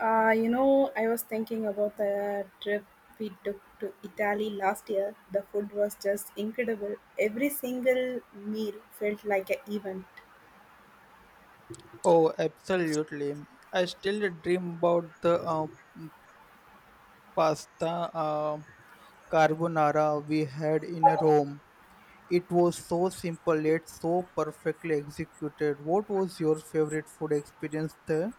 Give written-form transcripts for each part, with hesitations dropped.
I was thinking about the trip we took to Italy last year. The food was just incredible. Every single meal felt like an event. Oh, absolutely. I still dream about the pasta uh, carbonara we had in Rome. It was so simple yet so perfectly executed. What was your favorite food experience there?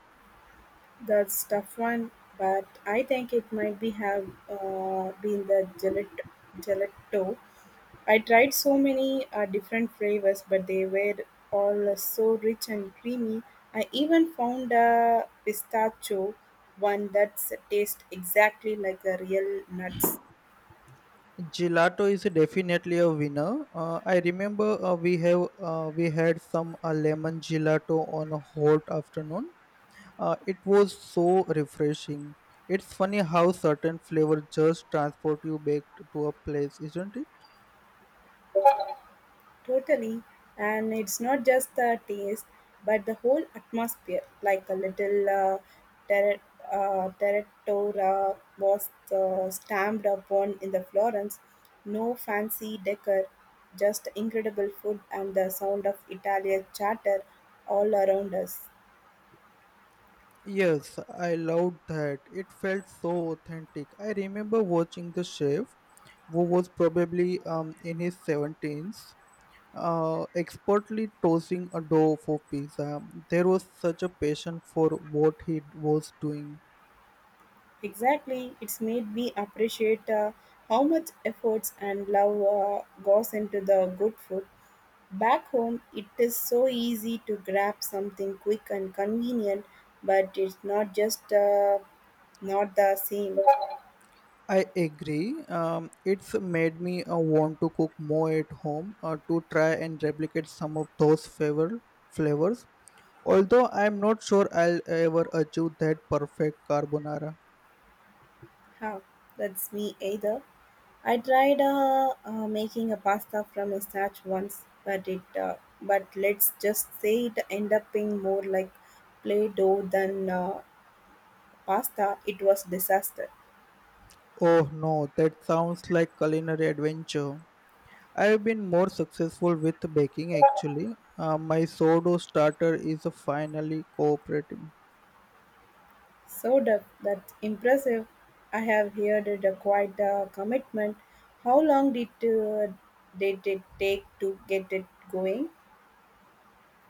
That's tough one, but I think it might be have been the gelato. I tried so many different flavors, but they were all so rich and creamy. I even found a pistachio one that tastes exactly like the real nuts. Gelato is definitely a winner. I remember we had some lemon gelato on a hot afternoon. It was so refreshing. It's funny how certain flavors just transport you back to a place, isn't it? Totally. And it's not just the taste, but the whole atmosphere, like a little terra terratora was stamped upon in the Florence. No fancy decor, just incredible food and the sound of Italian chatter all around us. Yes, I loved that. It felt so authentic. I remember watching the chef, who was probably in his seventies, expertly tossing a dough for pizza. There was such a passion for what he was doing. Exactly, it's made me appreciate how much efforts and love goes into the good food. Back home, it is so easy to grab something quick and convenient, but it's not the same. I agree. It's made me want to cook more at home to try and replicate some of those flavors. Although I'm not sure I'll ever achieve that perfect carbonara. Huh, that's me either. I tried making a pasta from a starch once, but it but let's just say it ended up being more like play dough than pasta, it was disaster. Oh no, that sounds like culinary adventure. I've been more successful with baking actually. My sourdough starter is finally cooperating. so the, that's impressive. I have heard it a quite a commitment. How long did it take to get it going?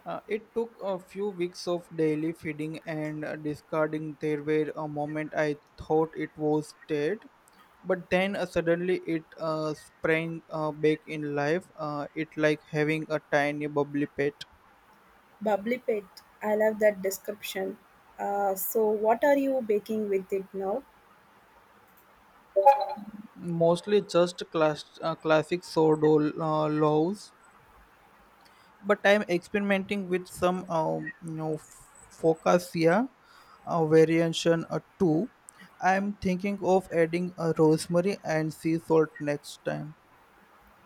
It took a few weeks of daily feeding and discarding. There were a moment I thought it was dead, but then suddenly it sprang back in life. It like having a tiny bubbly pet, Bubbly pit, I love that description. So what are you baking with it now? mostly just classic sourdough loaves but I'm experimenting with some you know focasia variation too. I'm thinking of adding a rosemary and sea salt next time.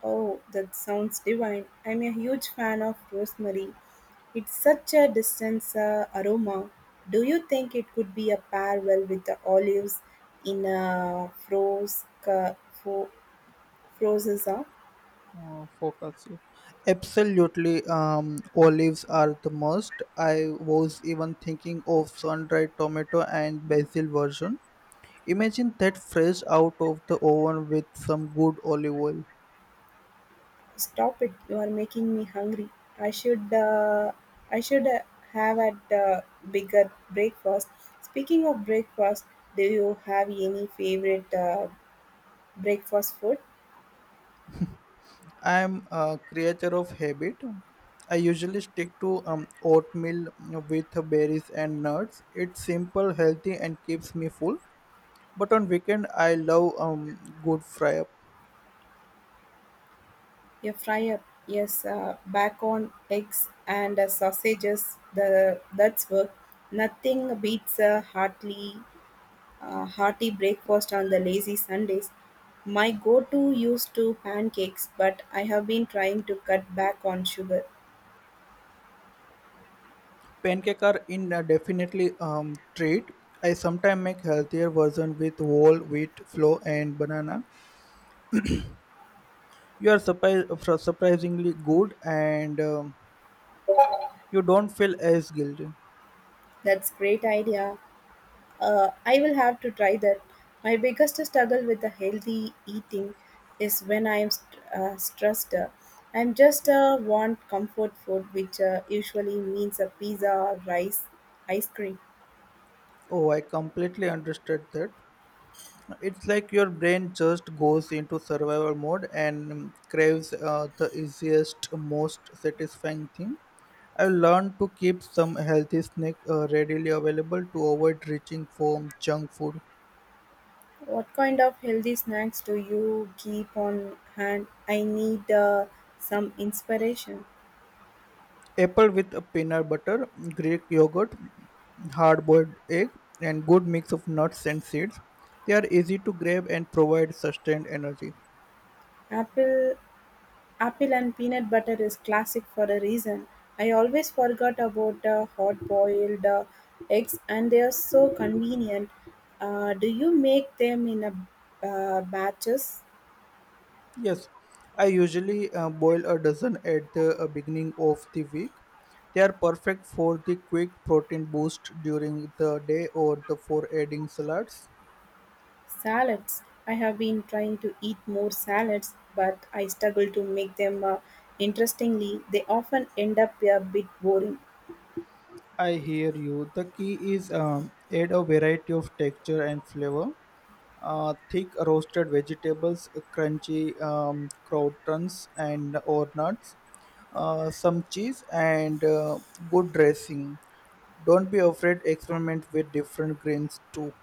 Oh, that sounds divine. I'm a huge fan of rosemary. It's such a distinct aroma. Do you think it could be a pair well with the olives in a frozen? Focasia, absolutely. Olives are the must. I was even thinking of sun-dried tomato and basil version. Imagine that fresh out of the oven with some good olive oil. Stop it. You are making me hungry. I should uh, I should have a bigger breakfast. Speaking of breakfast, do you have any favorite breakfast food? I'm a creature of habit. I usually stick to oatmeal with berries and nuts. It's simple, healthy, and keeps me full. But on weekend, I love good fry up. A fry-up, yes, bacon, eggs and sausages, the that's work. Nothing beats a hearty breakfast on the lazy Sundays. My go-to used to pancakes, but I have been trying to cut back on sugar. Pancake are in a definitely treat. I sometimes make healthier version with whole wheat flour and banana. You are surprisingly good, and you don't feel as guilty. That's great idea. I will have to try that. My biggest struggle with the healthy eating is when I am stressed. I am just want comfort food, which usually means a pizza or rice, ice cream. Oh, I completely understood that. It's like your brain just goes into survival mode and craves the easiest, most satisfying thing. I've learned to keep some healthy snack readily available to avoid reaching for junk food. What kind of healthy snacks do you keep on hand? I need some inspiration. Apple with a peanut butter, Greek yogurt, hard-boiled egg, and good mix of nuts and seeds. They are easy to grab and provide sustained energy. Apple Apple and peanut butter is classic for a reason. I always forgot about hot boiled eggs and they are so convenient. Do you make them in a batches? Yes, I usually boil a dozen at the beginning of the week. They are perfect for the quick protein boost during the day or the for adding salads. Salads. I have been trying to eat more salads, but I struggle to make them interestingly. They often end up a bit boring. I hear you. The key is add a variety of texture and flavor. Thick roasted vegetables, crunchy croutons and or nuts, some cheese and good dressing. Don't be afraid experiment with different grains too.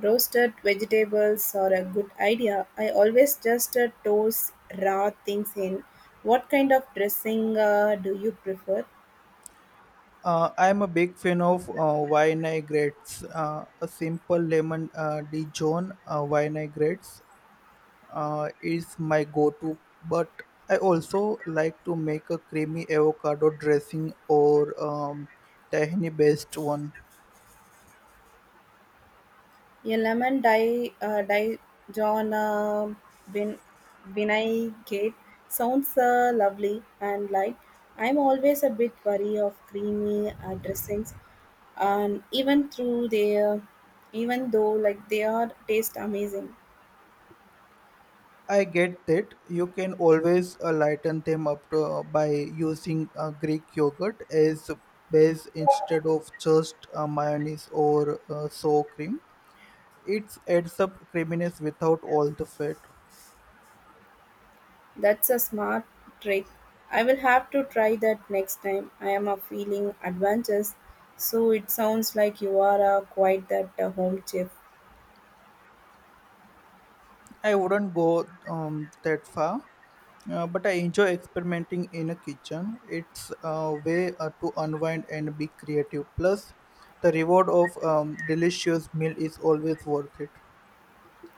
Roasted vegetables are a good idea. I always just toss raw things in. What kind of dressing do you prefer? I'm a big fan of vinaigrettes. A simple lemon Dijon vinaigrette is my go-to, but I also like to make a creamy avocado dressing or um, tahini-based one. A lemon di Dijon vin- vinaigrette sounds lovely and light. I'm always a bit wary of creamy dressings, and even though like they are taste amazing. I get that you can always lighten them up to, by using Greek yogurt as base instead of just mayonnaise or sour cream. It adds up creaminess without all the fat. That's a smart trick. I will have to try that next time. I am a feeling adventurous, so it sounds like you are quite that home chef. I wouldn't go that far, but I enjoy experimenting in a kitchen. It's a way to unwind and be creative. Plus, the reward of delicious meal is always worth it.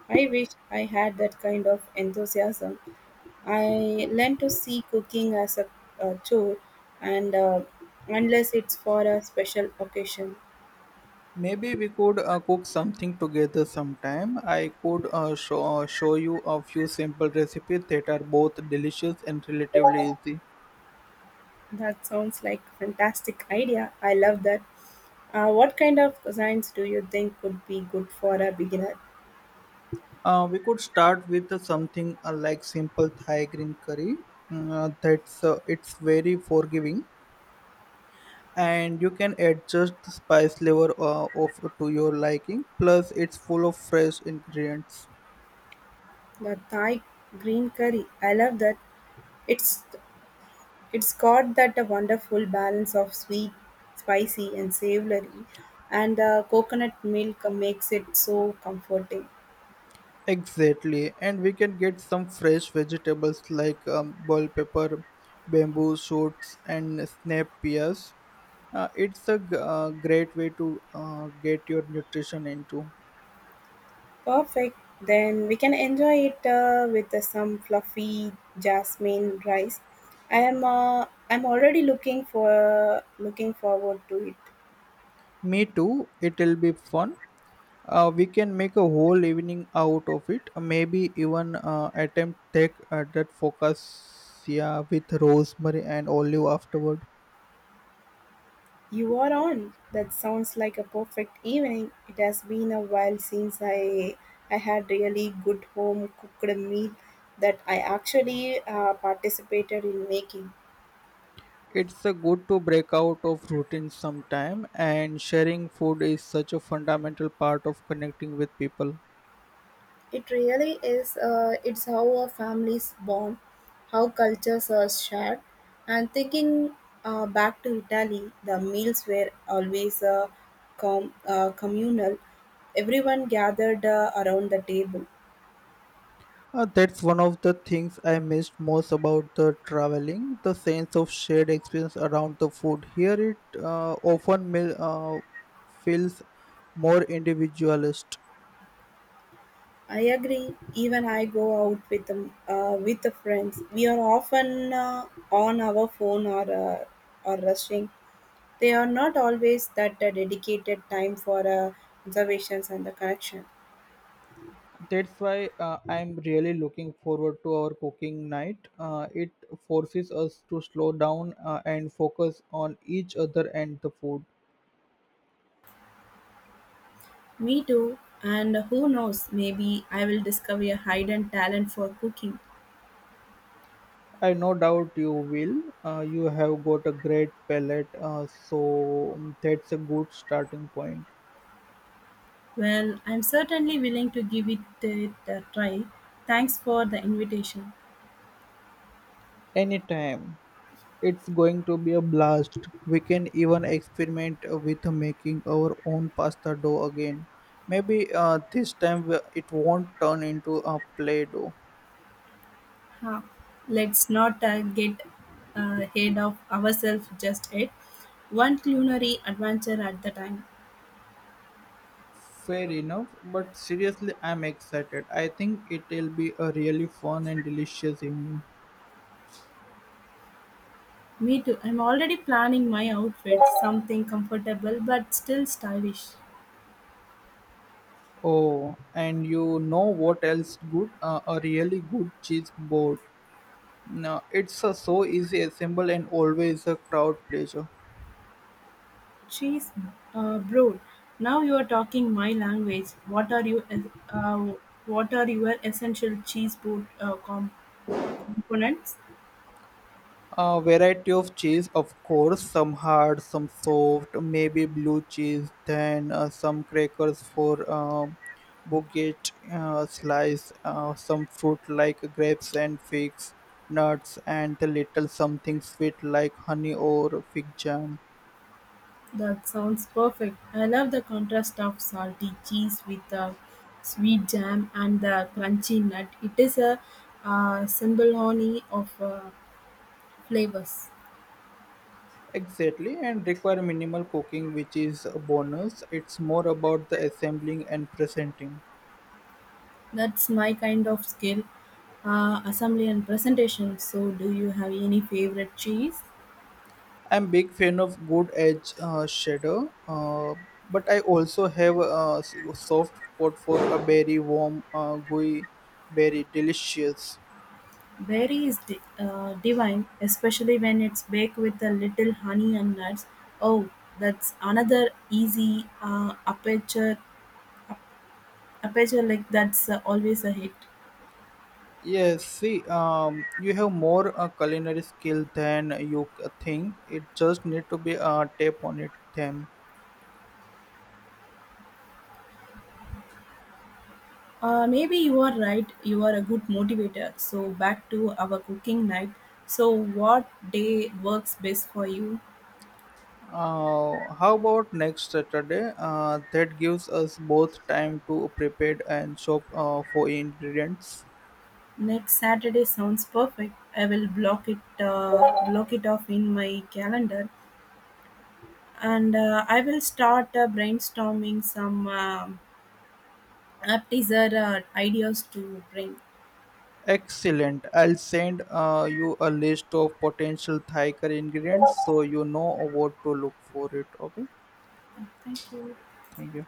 I wish I had that kind of enthusiasm. I learned to see cooking as a chore, and unless it's for a special occasion, Maybe we could cook something together sometime. I could show you a few simple recipes that are both delicious and relatively easy. that sounds like fantastic idea. I love that. What kind of cuisines do you think would be good for a beginner? We could start with something like simple Thai green curry. That's It's very forgiving, and you can adjust the spice level of to your liking. Plus, it's full of fresh ingredients. The Thai green curry, I love that. It's it's got that wonderful balance of sweet, spicy, and savory, and the coconut milk makes it so comforting. Exactly, and we can get some fresh vegetables like bell pepper, bamboo shoots, and snap peas. Great way to get your nutrition into. Perfect. Then we can enjoy it with some fluffy jasmine rice. I'm already looking forward to it. Me too. It'll be fun. We can make a whole evening out of it. Maybe even attempt take that focus yeah, with rosemary and olive afterward. You are on. That sounds like a perfect evening. It has been a while since I had really good home cooked meal that I actually participated in making. It's a good to break out of routine sometime, and sharing food is such a fundamental part of connecting with people. It really is. It's how a families bond, how cultures are shared, and thinking back to Italy, the meals were always communal. Everyone gathered around the table. That's one of the things I missed most about the traveling, the sense of shared experience around the food. Here it often feels more individualist. I agree. Even I go out with with the friends. We are often on our phone or or rushing. They are not always that dedicated time for observations and the connection. That's why I'm really looking forward to our cooking night. It forces us to slow down and focus on each other and the food. Me too. And who knows, maybe I will discover a hidden talent for cooking. I no doubt you will. You have got a great palate, that's a good starting point. Well, I'm certainly willing to give it a try. Thanks for the invitation. Anytime. It's going to be a blast. We can even experiment with making our own pasta dough again. Maybe this time it won't turn into a play dough. Huh. Let's not get ahead of ourselves just yet. One culinary adventure at the time. Fair enough, but seriously, I'm excited. I think it'll be a really fun and delicious evening. Me too. I'm already planning my outfit, something comfortable but still stylish. Oh, and you know what else good? A really good cheese board. Now, it's a so easy assemble and always a crowd pleaser. Cheese, bro. Now you are talking my language. What are you? Uh, what are your essential cheese board components? A variety of cheese, of course, some hard, some soft, maybe blue cheese, then some crackers for baguette slice, some fruit like grapes and figs, nuts, and a little something sweet like honey or fig jam. That sounds perfect. I love the contrast of salty cheese with the sweet jam and the crunchy nut. It is a symphony of flavors. Exactly, and require minimal cooking, which is a bonus. It's more about the assembling and presenting. That's my kind of skill, assembly and presentation. So, do you have any favorite cheese? I'm big fan of good edge shadow, but I also have a soft spot for a berry warm, gooey berry, delicious. Berry is divine, especially when it's baked with a little honey and nuts. Oh, that's another easy aperture like that's always a hit. Yes, see, you have more culinary skill than you think. It just need to be a tap on it, them. Maybe you are right. You are a good motivator. So back to our cooking night. So what day works best for you? How about next Saturday? That gives us both time to prepare and shop for ingredients. Next Saturday sounds perfect. I will block it off in my calendar, and I will start brainstorming some app teaser ideas to bring. Excellent. I'll send you a list of potential Thai curry ingredients so you know what to look for it. Okay. Thank you. Thank you.